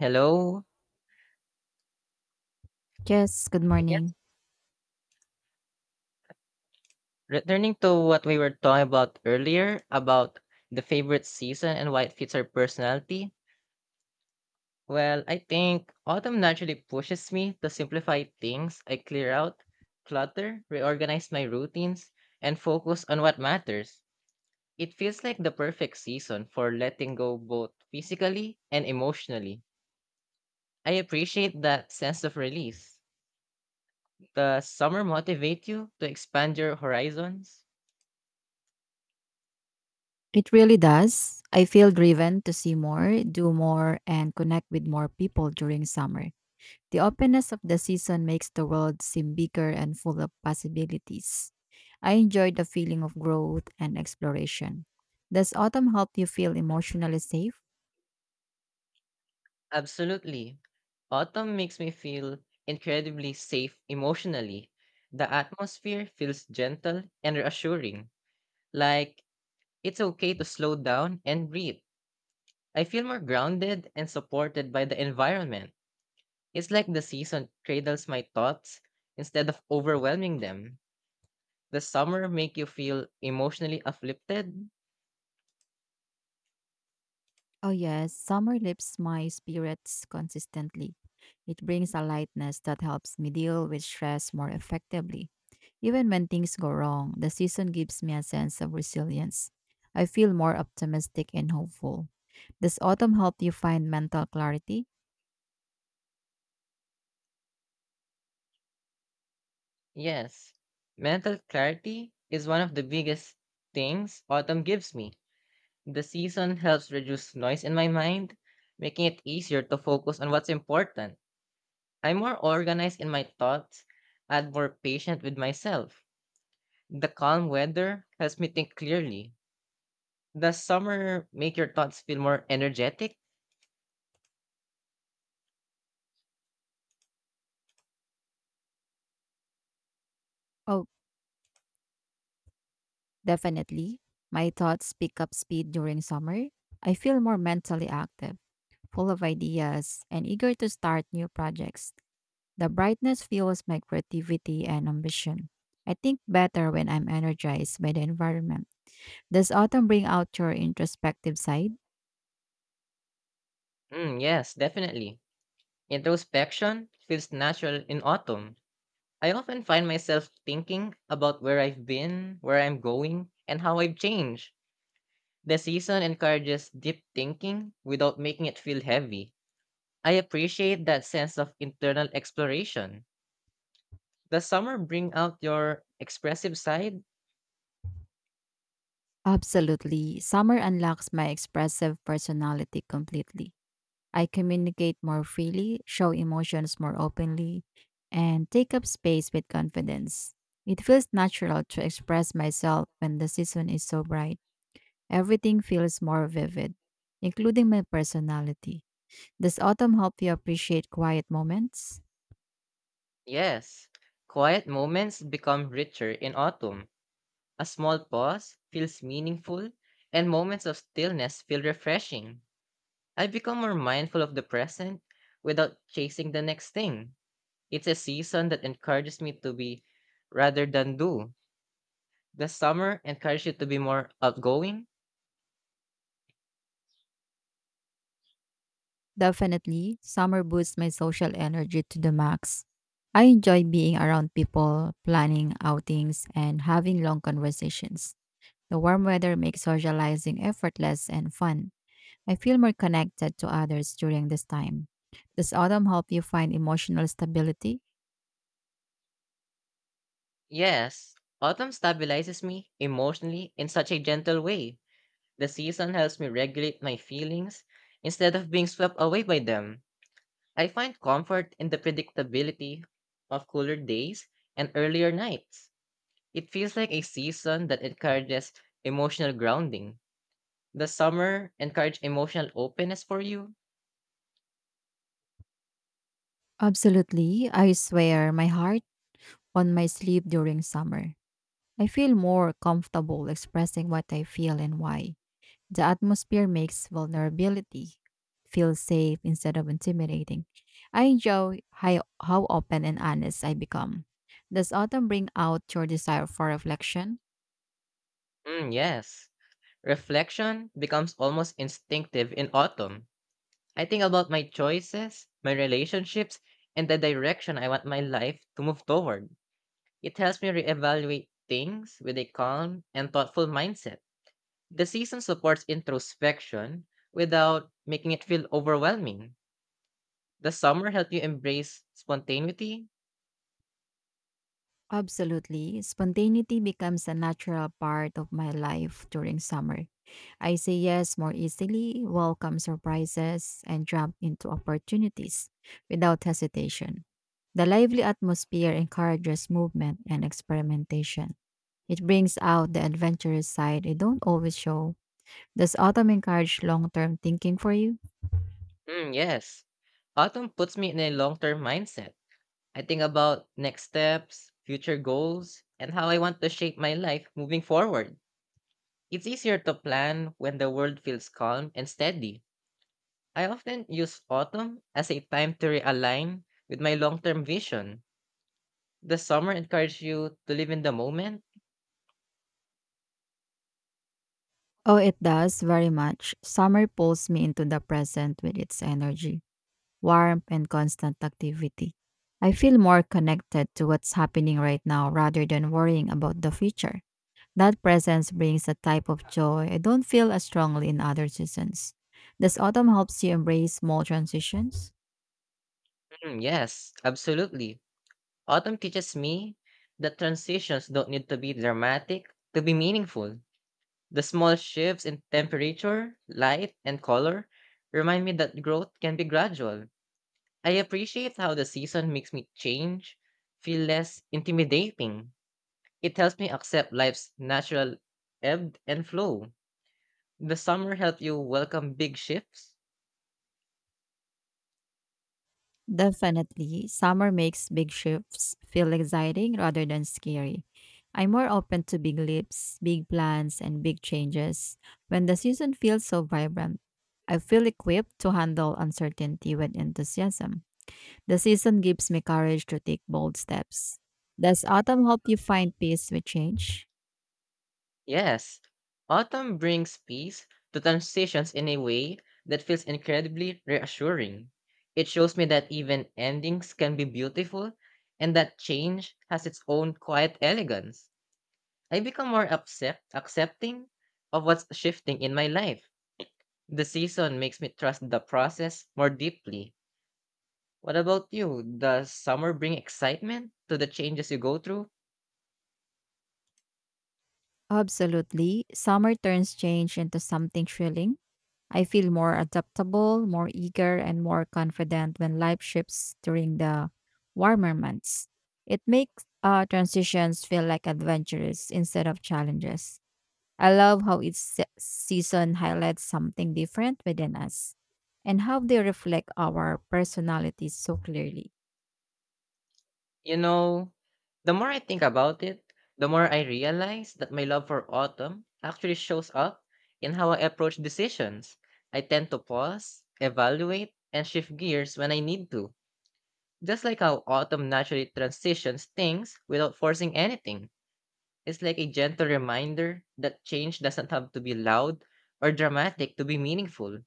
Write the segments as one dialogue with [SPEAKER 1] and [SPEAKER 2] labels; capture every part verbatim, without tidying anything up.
[SPEAKER 1] Hello.
[SPEAKER 2] Yes, good
[SPEAKER 1] I guess
[SPEAKER 2] morning.
[SPEAKER 1] returning to what we were talking about earlier about the favorite season and why it fits our personality. Well, I think autumn naturally pushes me to simplify things. I clear out, clutter, reorganize my routines, and focus on what matters. It feels like the perfect season for letting go both physically and emotionally. I appreciate that sense of release. Does summer motivate you to expand your horizons?
[SPEAKER 2] It really does. I feel driven to see more, do more, and connect with more people during summer. The openness of the season makes the world seem bigger and full of possibilities. I enjoy the feeling of growth and exploration. Does autumn help you feel emotionally safe?
[SPEAKER 1] Absolutely. Autumn makes me feel incredibly safe emotionally. The atmosphere feels gentle and reassuring, like it's okay to slow down and breathe. I feel more grounded and supported by the environment. It's like the season cradles my thoughts instead of overwhelming them. Does summer make you feel emotionally uplifted?
[SPEAKER 2] Oh, yes, summer lifts my spirits consistently. It brings a lightness that helps me deal with stress more effectively. Even when things go wrong, the season gives me a sense of resilience. I feel more optimistic and hopeful. Does autumn help you find mental clarity?
[SPEAKER 1] Yes. Mental clarity is one of the biggest things autumn gives me. The season helps reduce noise in my mind, making it easier to focus on what's important. I'm more organized in my thoughts and more patient with myself. The calm weather helps me think clearly. Does summer make your thoughts feel more energetic?
[SPEAKER 2] Oh, definitely. My thoughts pick up speed during summer. I feel more mentally active, full of ideas, and eager to start new projects. The brightness fuels my creativity and ambition. I think better when I'm energized by the environment. Does autumn bring out your introspective side?
[SPEAKER 1] Mm, yes, definitely. Introspection feels natural in autumn. I often find myself thinking about where I've been, where I'm going, and how I've changed. The season encourages deep thinking without making it feel heavy. I appreciate that sense of internal exploration. Does summer bring out your expressive side?
[SPEAKER 2] Absolutely. Summer unlocks my expressive personality completely. I communicate more freely, show emotions more openly, and take up space with confidence. It feels natural to express myself when the season is so bright. Everything feels more vivid, including my personality. Does autumn help you appreciate quiet moments?
[SPEAKER 1] Yes. Quiet moments become richer in autumn. A small pause feels meaningful, and moments of stillness feel refreshing. I become more mindful of the present without chasing the next thing. It's a season that encourages me to be rather than do. Does summer encourage you to be more outgoing?
[SPEAKER 2] Definitely. Summer boosts my social energy to the max. I enjoy being around people, planning outings, and having long conversations. The warm weather makes socializing effortless and fun. I feel more connected to others during this time. Does autumn help you find emotional stability?
[SPEAKER 1] Yes, autumn stabilizes me emotionally in such a gentle way. The season helps me regulate my feelings instead of being swept away by them. I find comfort in the predictability of cooler days and earlier nights. It feels like a season that encourages emotional grounding. Does summer encourage emotional openness for you?
[SPEAKER 2] Absolutely. I swear my heart on my sleeve during summer. I feel more comfortable expressing what I feel and why. The atmosphere makes vulnerability feel safe instead of intimidating. I enjoy how, how open and honest I become. Does autumn bring out your desire for reflection?
[SPEAKER 1] Mm, yes. Reflection becomes almost instinctive in autumn. I think about my choices, my relationships, and the direction I want my life to move toward. It helps me reevaluate things with a calm and thoughtful mindset. The season supports introspection without making it feel overwhelming. Does summer help you embrace spontaneity?
[SPEAKER 2] Absolutely. Spontaneity becomes a natural part of my life during summer. I say yes more easily, welcome surprises, and jump into opportunities without hesitation. The lively atmosphere encourages movement and experimentation. It brings out the adventurous side they don't always show. Does autumn encourage long term thinking for you?
[SPEAKER 1] Mm, yes. Autumn puts me in a long term mindset. I think about next steps, future goals, and how I want to shape my life moving forward. It's easier to plan when the world feels calm and steady. I often use autumn as a time to realign with my long term vision. Does summer encourage you to live in the moment?
[SPEAKER 2] Oh, it does very much. Summer pulls me into the present with its energy, warmth, and constant activity. I feel more connected to what's happening right now rather than worrying about the future. That presence brings a type of joy I don't feel as strongly in other seasons. Does autumn helps you embrace small transitions?
[SPEAKER 1] Mm, yes, absolutely. Autumn teaches me that transitions don't need to be dramatic to be meaningful. The small shifts in temperature, light, and color remind me that growth can be gradual. I appreciate how the season makes me change, feel less intimidating. It helps me accept life's natural ebb and flow. Does summer help you welcome big shifts?
[SPEAKER 2] Definitely, summer makes big shifts feel exciting rather than scary. I'm more open to big leaps, big plans, and big changes when the season feels so vibrant. I feel equipped to handle uncertainty with enthusiasm. The season gives me courage to take bold steps. Does autumn help you find peace with change?
[SPEAKER 1] Yes. Autumn brings peace to transitions in a way that feels incredibly reassuring. It shows me that even endings can be beautiful and that change has its own quiet elegance. I become more accept- accepting of what's shifting in my life. The season makes me trust the process more deeply. What about you? Does summer bring excitement to the changes you go through?
[SPEAKER 2] Absolutely. Summer turns change into something thrilling. I feel more adaptable, more eager, and more confident when life shifts during the warmer months. It makes uh, transitions feel like adventures instead of challenges. I love how each se- season highlights something different within us and how they reflect our personalities so clearly.
[SPEAKER 1] You know, the more I think about it, the more I realize that my love for autumn actually shows up in how I approach decisions. I tend to pause, evaluate, and shift gears when I need to. Just like how autumn naturally transitions things without forcing anything. It's like a gentle reminder that change doesn't have to be loud or dramatic to be meaningful.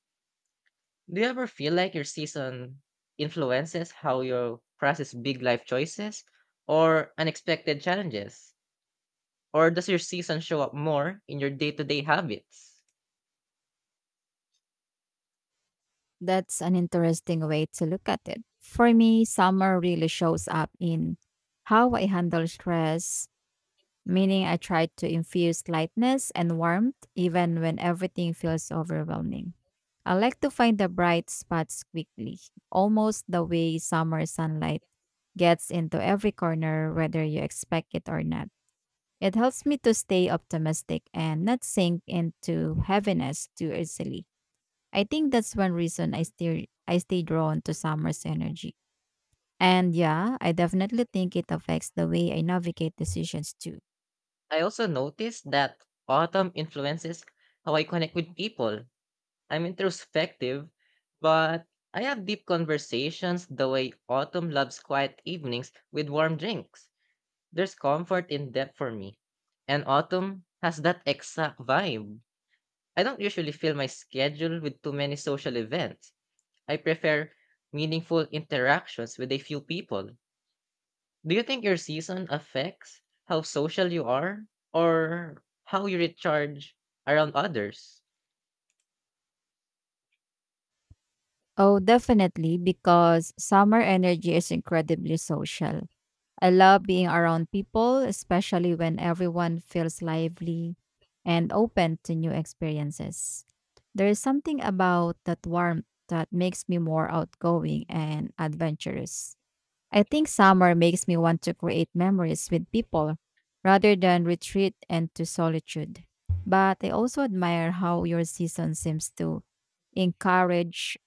[SPEAKER 1] Do you ever feel like your season influences how you process big life choices or unexpected challenges? Or does your season show up more in your day to day habits?
[SPEAKER 2] That's an interesting way to look at it. For me, summer really shows up in how I handle stress, meaning I try to infuse lightness and warmth even when everything feels overwhelming. I like to find the bright spots quickly, almost the way summer sunlight gets into every corner, whether you expect it or not. It helps me to stay optimistic and not sink into heaviness too easily. I think that's one reason I stay I stay drawn to summer's energy. And yeah, I definitely think it affects the way I navigate decisions too.
[SPEAKER 1] I also noticed that autumn influences how I connect with people. I'm introspective, but I have deep conversations the way autumn loves quiet evenings with warm drinks. There's comfort in depth for me, and autumn has that exact vibe. I don't usually fill my schedule with too many social events. I prefer meaningful interactions with a few people. Do you think your season affects how social you are or how you recharge around others?
[SPEAKER 2] Oh, definitely, because summer energy is incredibly social. I love being around people, especially when everyone feels lively and open to new experiences. There is something about that warmth that makes me more outgoing and adventurous. I think summer makes me want to create memories with people rather than retreat into solitude. But I also admire how your season seems to encourage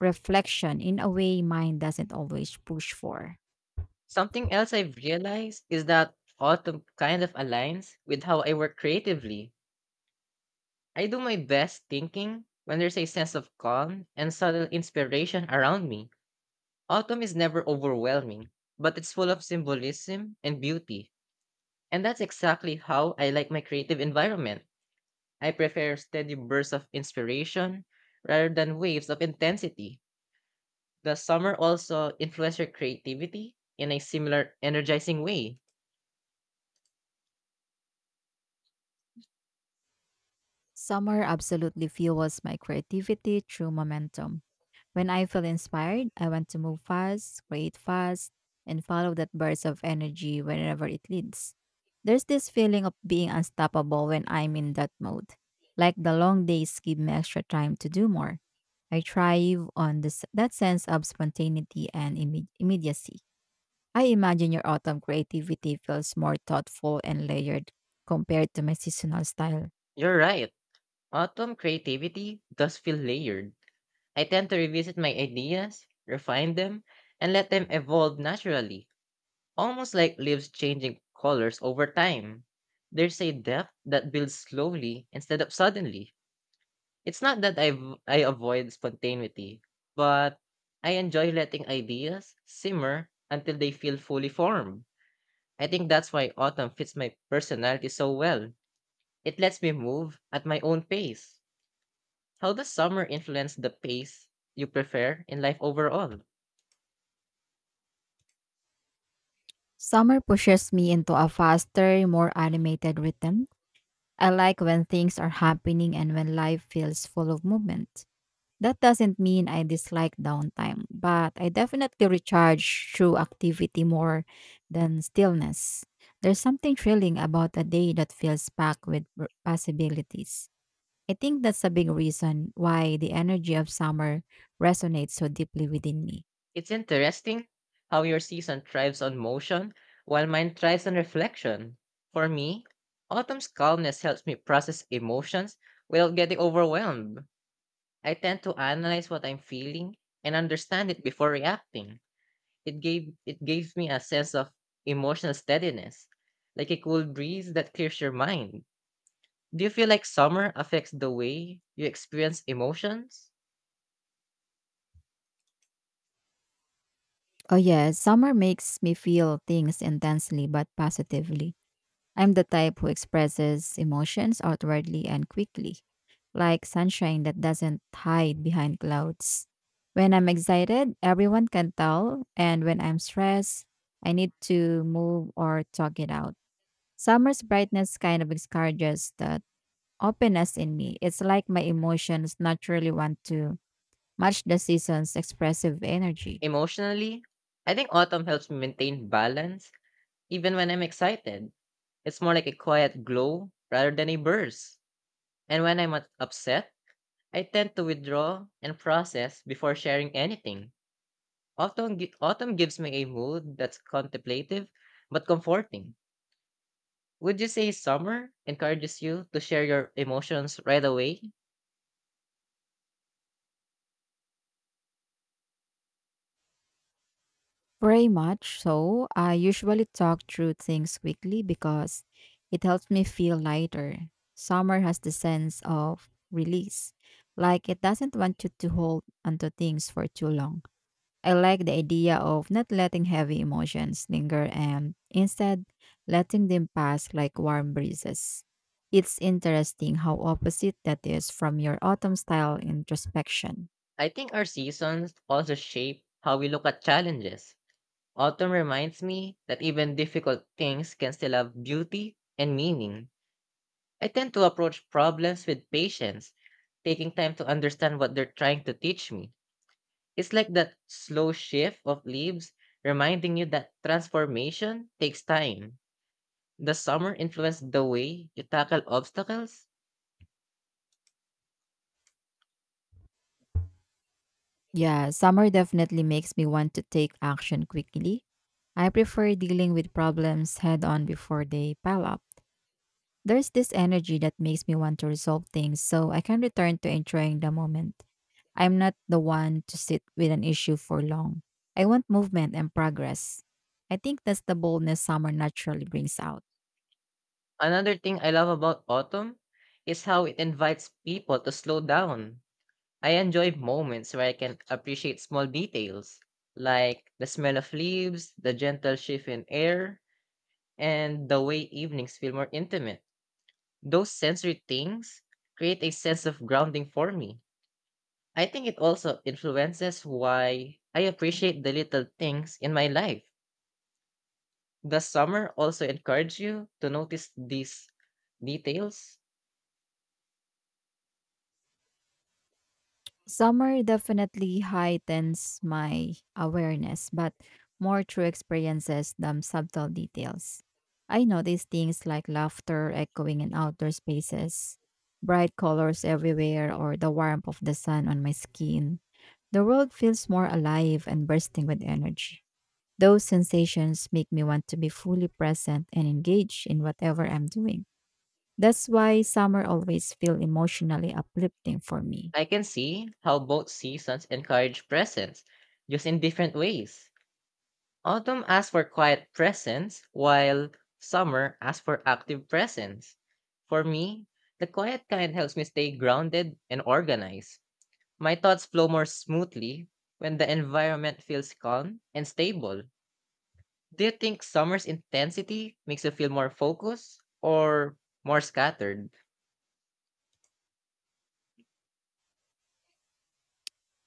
[SPEAKER 2] reflection in a way mine doesn't always push for.
[SPEAKER 1] Something else I've realized is that autumn kind of aligns with how I work creatively. I do my best thinking when there's a sense of calm and subtle inspiration around me. Autumn is never overwhelming, but it's full of symbolism and beauty. And that's exactly how I like my creative environment. I prefer steady bursts of inspiration rather than waves of intensity. Does summer also influence your creativity in a similar energizing way?
[SPEAKER 2] Summer absolutely fuels my creativity through momentum. When I feel inspired, I want to move fast, create fast, and follow that burst of energy wherever it leads. There's this feeling of being unstoppable when I'm in that mode. Like the long days give me extra time to do more. I thrive on this that sense of spontaneity and imme- immediacy. I imagine your autumn creativity feels more thoughtful and layered compared to my seasonal style.
[SPEAKER 1] You're right. Autumn creativity does feel layered. I tend to revisit my ideas, refine them, and let them evolve naturally, almost like leaves changing colors over time. There's a depth that builds slowly instead of suddenly. It's not that i I avoid spontaneity, but I enjoy letting ideas simmer until they feel fully formed. I think that's why autumn fits my personality so well. It lets me move at my own pace. How does summer influence the pace you prefer in life overall?
[SPEAKER 2] Summer pushes me into a faster, more animated rhythm. I like when things are happening and when life feels full of movement. That doesn't mean I dislike downtime, but I definitely recharge through activity more than stillness. There's something thrilling about a day that feels packed with r- possibilities. I think that's a big reason why the energy of summer resonates so deeply within me.
[SPEAKER 1] It's interesting how your season thrives on motion while mine thrives on reflection. For me, autumn's calmness helps me process emotions without getting overwhelmed. I tend to analyze what I'm feeling and understand it before reacting. It gave it gives me a sense of emotional steadiness, like a cool breeze that clears your mind. Do you feel like summer affects the way you experience emotions?
[SPEAKER 2] Oh, yes, summer makes me feel things intensely but positively. I'm the type who expresses emotions outwardly and quickly, like sunshine that doesn't hide behind clouds. When I'm excited, everyone can tell, and when I'm stressed, I need to move or talk it out. Summer's brightness kind of encourages that openness in me. It's like my emotions naturally want to match the season's expressive energy.
[SPEAKER 1] Emotionally, I think autumn helps me maintain balance even when I'm excited. It's more like a quiet glow rather than a burst. And when I'm u- upset, I tend to withdraw and process before sharing anything. Autumn, gi- autumn gives me a mood that's contemplative but comforting. Would you say summer encourages you to share your emotions right away?
[SPEAKER 2] Very much so. I usually talk through things quickly because it helps me feel lighter. Summer has the sense of release, like it doesn't want you to hold onto things for too long. I like the idea of not letting heavy emotions linger and instead letting them pass like warm breezes. It's interesting how opposite that is from your autumn style introspection.
[SPEAKER 1] I think our seasons also shape how we look at challenges. Autumn reminds me that even difficult things can still have beauty and meaning. I tend to approach problems with patience, taking time to understand what they're trying to teach me. It's like that slow shift of leaves reminding you that transformation takes time. The summer influenced the way you tackle obstacles.
[SPEAKER 2] Yeah, summer definitely makes me want to take action quickly. I prefer dealing with problems head on before they pile up. There's this energy that makes me want to resolve things so I can return to enjoying the moment. I'm not the one to sit with an issue for long. I want movement and progress. I think that's the boldness summer naturally brings out.
[SPEAKER 1] Another thing I love about autumn is how it invites people to slow down. I enjoy moments where I can appreciate small details, like the smell of leaves, the gentle shift in air, and the way evenings feel more intimate. Those sensory things create a sense of grounding for me. I think it also influences why I appreciate the little things in my life. Does summer also encourage you to notice these details?
[SPEAKER 2] Summer definitely heightens my awareness, but more through experiences than subtle details. I notice things like laughter echoing in outdoor spaces, bright colors everywhere, or the warmth of the sun on my skin. The world feels more alive and bursting with energy. Those sensations make me want to be fully present and engaged in whatever I'm doing. That's why summer always feels emotionally uplifting for me.
[SPEAKER 1] I can see how both seasons encourage presence, just in different ways. Autumn asks for quiet presence, while summer asks for active presence. For me, the quiet kind helps me stay grounded and organized. My thoughts flow more smoothly when the environment feels calm and stable. Do you think summer's intensity makes you feel more focused or more scattered?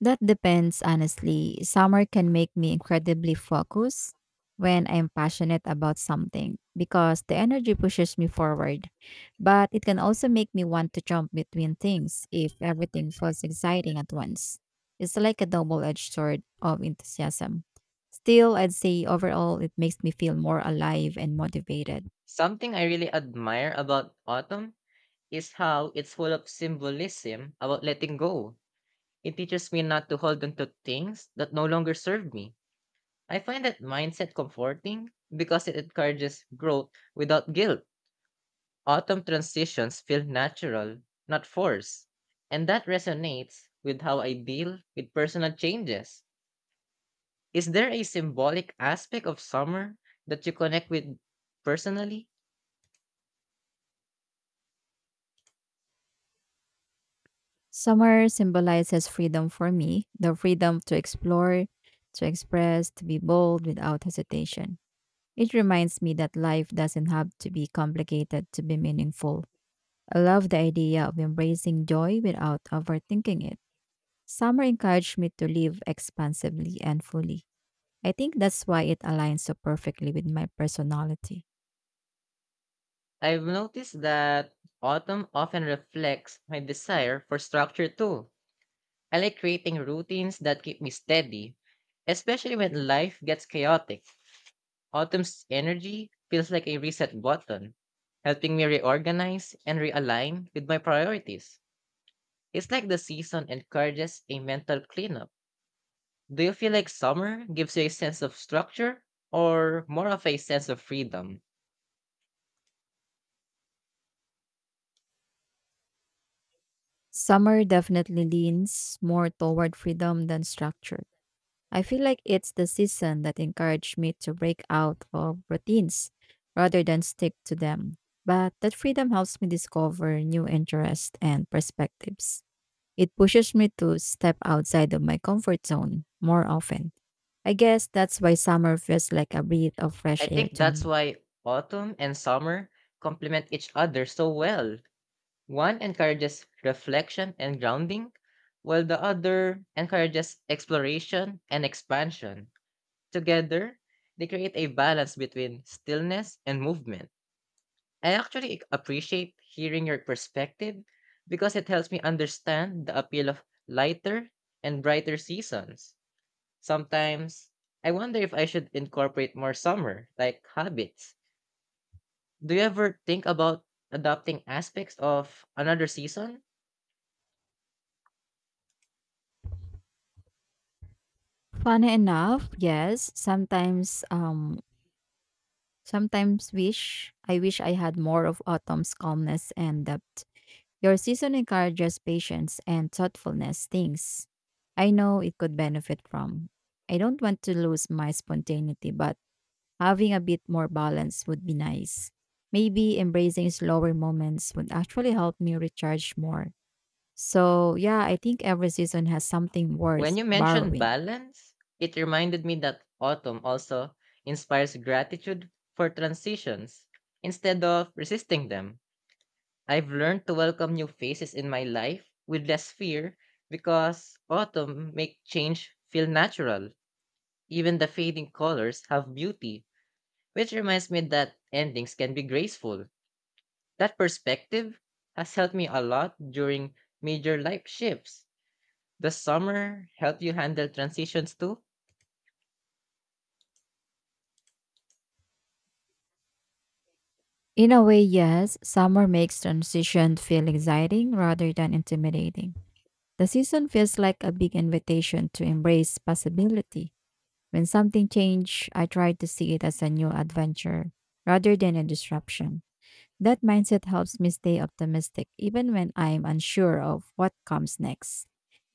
[SPEAKER 2] That depends, honestly. Summer can make me incredibly focused when I'm passionate about something because the energy pushes me forward. But it can also make me want to jump between things if everything feels exciting at once. It's like a double edged sword of enthusiasm. Still, I'd say overall, it makes me feel more alive and motivated.
[SPEAKER 1] Something I really admire about autumn is how it's full of symbolism about letting go. It teaches me not to hold on to things that no longer serve me. I find that mindset comforting because it encourages growth without guilt. Autumn transitions feel natural, not forced, and that resonates with how I deal with personal changes. Is there a symbolic aspect of summer that you connect with personally?
[SPEAKER 2] Summer symbolizes freedom for me, the freedom to explore, to express, to be bold without hesitation. It reminds me that life doesn't have to be complicated to be meaningful. I love the idea of embracing joy without overthinking it. Summer encouraged me to live expansively and fully. I think that's why it aligns so perfectly with my personality.
[SPEAKER 1] I've noticed that autumn often reflects my desire for structure too. I like creating routines that keep me steady, especially when life gets chaotic. Autumn's energy feels like a reset button, helping me reorganize and realign with my priorities. It's like the season encourages a mental cleanup. Do you feel like summer gives you a sense of structure or more of a sense of freedom?
[SPEAKER 2] Summer definitely leans more toward freedom than structure. I feel like it's the season that encouraged me to break out of routines rather than stick to them. But that freedom helps me discover new interests and perspectives. It pushes me to step outside of my comfort zone more often. I guess that's why summer feels like a breath of
[SPEAKER 1] I
[SPEAKER 2] fresh air
[SPEAKER 1] think
[SPEAKER 2] to
[SPEAKER 1] that's
[SPEAKER 2] me.
[SPEAKER 1] why autumn and summer complement each other so well. One encourages reflection and grounding, while the other encourages exploration and expansion. Together, they create a balance between stillness and movement. I actually appreciate hearing your perspective because it helps me understand the appeal of lighter and brighter seasons. Sometimes, I wonder if I should incorporate more summer, like habits. Do you ever think about adopting aspects of another season?
[SPEAKER 2] Funny enough, yes, sometimes um sometimes wish I wish I had more of autumn's calmness and depth. Your season encourages patience and thoughtfulness, things I know it could benefit from. I don't want to lose my spontaneity, but having a bit more balance would be nice. Maybe embracing slower moments would actually help me recharge more. So, yeah, I think every season has something
[SPEAKER 1] When
[SPEAKER 2] worth
[SPEAKER 1] you mentioned
[SPEAKER 2] borrowing.
[SPEAKER 1] balance, it reminded me that autumn also inspires gratitude for transitions instead of resisting them. I've learned to welcome new phases in my life with less fear because autumn make change feel natural. Even the fading colors have beauty, which reminds me that endings can be graceful. That perspective has helped me a lot during major life shifts. Does summer help you handle transitions too?
[SPEAKER 2] In a way, yes, summer makes transition feel exciting rather than intimidating. The season feels like a big invitation to embrace possibility. When something changed, I tried to see it as a new adventure rather than a disruption. That mindset helps me stay optimistic even when I'm unsure of what comes next.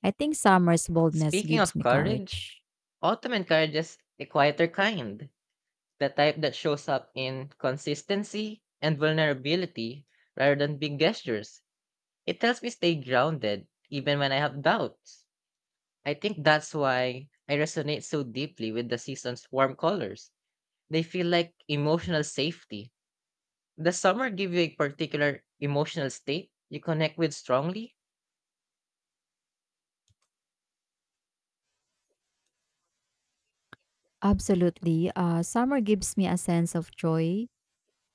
[SPEAKER 2] I think summer's boldness
[SPEAKER 1] Speaking
[SPEAKER 2] gives
[SPEAKER 1] of
[SPEAKER 2] me
[SPEAKER 1] courage,
[SPEAKER 2] courage.
[SPEAKER 1] autumn encourages the quieter kind, the type that shows up in consistency and vulnerability rather than big gestures. It helps me stay grounded even when I have doubts. I think that's why I resonate so deeply with the season's warm colors. They feel like emotional safety. Does summer give you a particular emotional state you connect with strongly?
[SPEAKER 2] Absolutely. Uh, summer gives me a sense of joy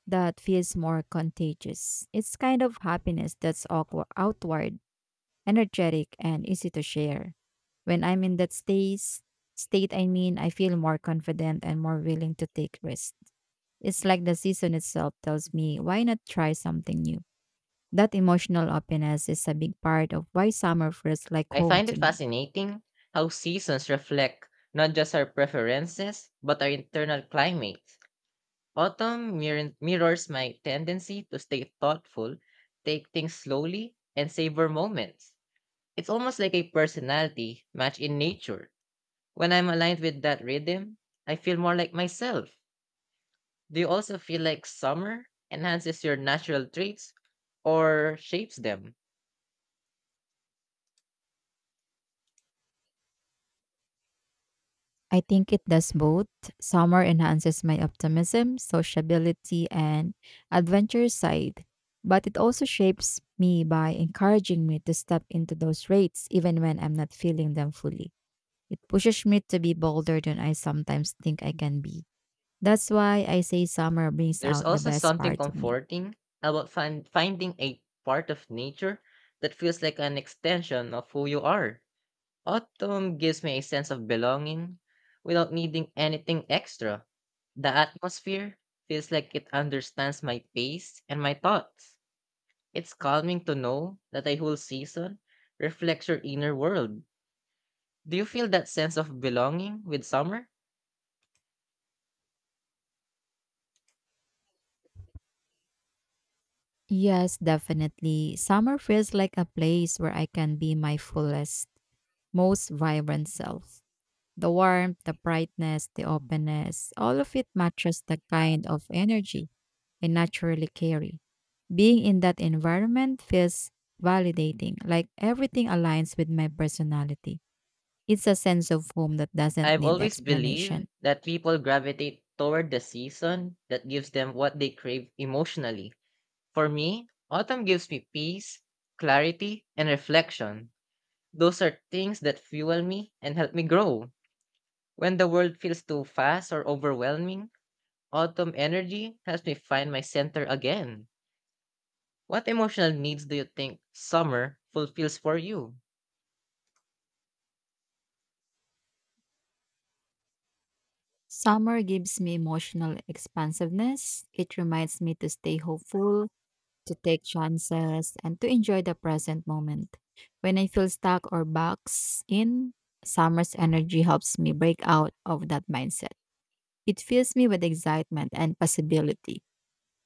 [SPEAKER 2] that feels more contagious. It's kind of happiness that's awkward, outward energetic, and easy to share. When I'm in that state, state, I mean, I feel more confident and more willing to take risks. It's like the season itself tells me, why not try something new? That emotional openness is a big part of why summer feels like
[SPEAKER 1] I
[SPEAKER 2] home
[SPEAKER 1] find
[SPEAKER 2] to
[SPEAKER 1] it
[SPEAKER 2] me.
[SPEAKER 1] fascinating how seasons reflect not just our preferences, but our internal climate. Autumn mir- mirrors my tendency to stay thoughtful, take things slowly, and savor moments. It's almost like a personality match in nature. When I'm aligned with that rhythm, I feel more like myself. Do you also feel like summer enhances your natural traits or shapes them?
[SPEAKER 2] I think it does both. Summer enhances my optimism, sociability, and adventure side, but it also shapes me by encouraging me to step into those rates even when I'm not feeling them fully. It pushes me to be bolder than I sometimes think I can be. That's why I say summer brings
[SPEAKER 1] There's
[SPEAKER 2] out the
[SPEAKER 1] also
[SPEAKER 2] best
[SPEAKER 1] something
[SPEAKER 2] part of me.
[SPEAKER 1] comforting about find finding a part of nature that feels like an extension of who you are. Autumn gives me a sense of belonging without needing anything extra. The atmosphere feels like it understands my pace and my thoughts. It's calming to know that a whole season reflects your inner world. Do you feel that sense of belonging with summer?
[SPEAKER 2] Yes, definitely. Summer feels like a place where I can be my fullest, most vibrant self. The warmth, the brightness, the openness, all of it matches the kind of energy I naturally carry. Being in that environment feels validating, like everything aligns with my personality. It's a sense of home that doesn't
[SPEAKER 1] I've
[SPEAKER 2] need
[SPEAKER 1] always
[SPEAKER 2] explanation.
[SPEAKER 1] believed that people gravitate toward the season that gives them what they crave emotionally. For me, autumn gives me peace, clarity, and reflection. Those are things that fuel me and help me grow. When the world feels too fast or overwhelming, autumn energy helps me find my center again. What emotional needs do you think summer fulfills for you?
[SPEAKER 2] Summer gives me emotional expansiveness. It reminds me to stay hopeful, to take chances, and to enjoy the present moment. When I feel stuck or boxed in, summer's energy helps me break out of that mindset. It fills me with excitement and possibility.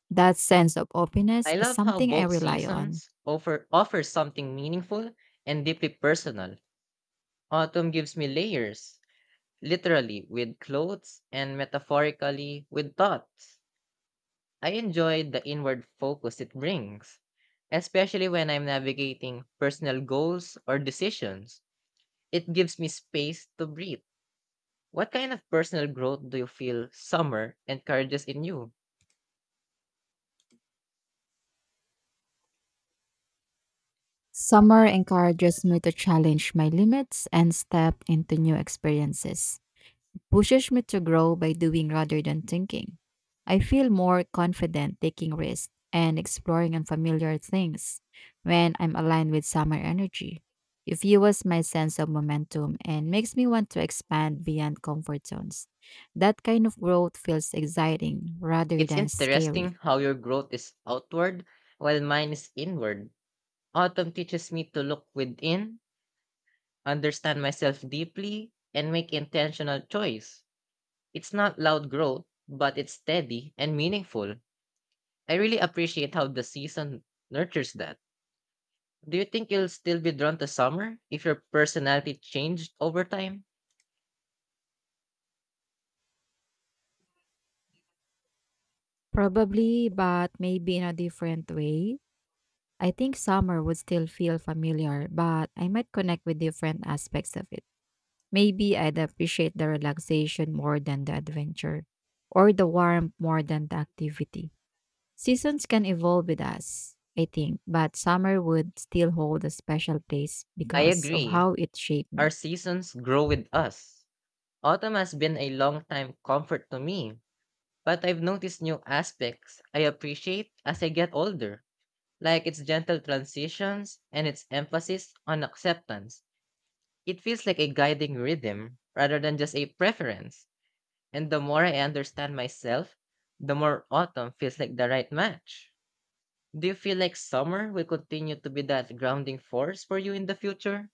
[SPEAKER 2] That sense of openness
[SPEAKER 1] I
[SPEAKER 2] is
[SPEAKER 1] love how
[SPEAKER 2] something I
[SPEAKER 1] both
[SPEAKER 2] rely on.
[SPEAKER 1] seasons offer offer something meaningful and deeply personal. Autumn gives me layers, literally with clothes and metaphorically with thoughts. I enjoy the inward focus it brings, especially when I'm navigating personal goals or decisions. It gives me space to breathe. What kind of personal growth do you feel summer encourages in you?
[SPEAKER 2] Summer encourages me to challenge my limits and step into new experiences. Pushes me to grow by doing rather than thinking. I feel more confident taking risks and exploring unfamiliar things when I'm aligned with summer energy. It fuels my sense of momentum and makes me want to expand beyond comfort zones. That kind of growth feels exciting rather
[SPEAKER 1] It's
[SPEAKER 2] than scary.
[SPEAKER 1] interesting how your growth is outward while mine is inward. Autumn teaches me to look within, understand myself deeply, and make intentional choice. It's not loud growth, but it's steady and meaningful. I really appreciate how the season nurtures that. Do you think you'll still be drawn to summer if your personality changed over time?
[SPEAKER 2] Probably, but maybe in a different way. I think summer would still feel familiar, but I might connect with different aspects of it. Maybe I'd appreciate the relaxation more than the adventure, or the warmth more than the activity. Seasons can evolve with us, I think, but summer would still hold a special place
[SPEAKER 1] I
[SPEAKER 2] because of
[SPEAKER 1] agree.
[SPEAKER 2] how it shaped
[SPEAKER 1] Our
[SPEAKER 2] me.
[SPEAKER 1] seasons grow with us. Autumn has been a long time comfort to me, but I've noticed new aspects I appreciate as I get older. Like its gentle transitions and its emphasis on acceptance. It feels like a guiding rhythm rather than just a preference. And the more I understand myself, the more autumn feels like the right match. Do you feel like summer will continue to be that grounding force for you in the future?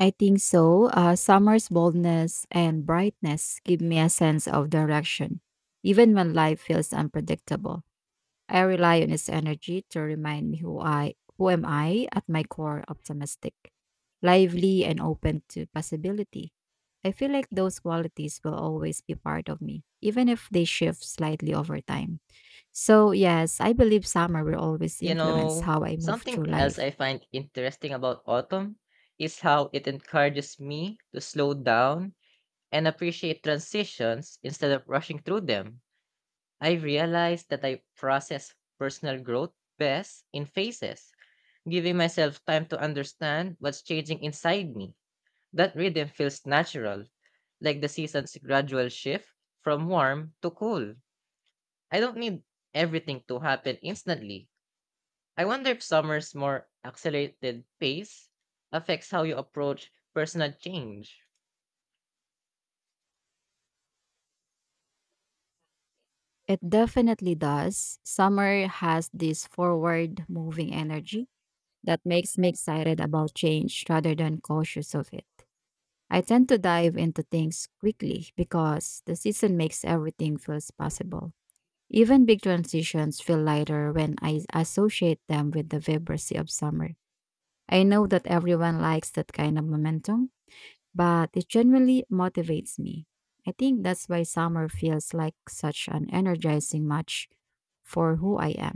[SPEAKER 2] I think so. Uh, summer's boldness and brightness give me a sense of direction, even when life feels unpredictable. I rely on its energy to remind me who I who am I at my core, optimistic, lively and open to possibility. I feel like those qualities will always be part of me, even if they shift slightly over time. So, yes, I believe summer will always
[SPEAKER 1] You
[SPEAKER 2] influence
[SPEAKER 1] know,
[SPEAKER 2] how I move
[SPEAKER 1] something
[SPEAKER 2] through
[SPEAKER 1] else
[SPEAKER 2] life.
[SPEAKER 1] I find interesting about autumn is how it encourages me to slow down and appreciate transitions instead of rushing through them. I've realized that I process personal growth best in phases, giving myself time to understand what's changing inside me. That rhythm feels natural, like the season's gradual shift from warm to cool. I don't need everything to happen instantly. I wonder if summer's more accelerated pace affects how you approach personal change.
[SPEAKER 2] It definitely does. Summer has this forward moving energy that makes me excited about change rather than cautious of it. I tend to dive into things quickly because the season makes everything feels possible. Even big transitions feel lighter when I associate them with the vibrancy of summer. I know that everyone likes that kind of momentum, but it genuinely motivates me. I think that's why summer feels like such an energizing match for who I am.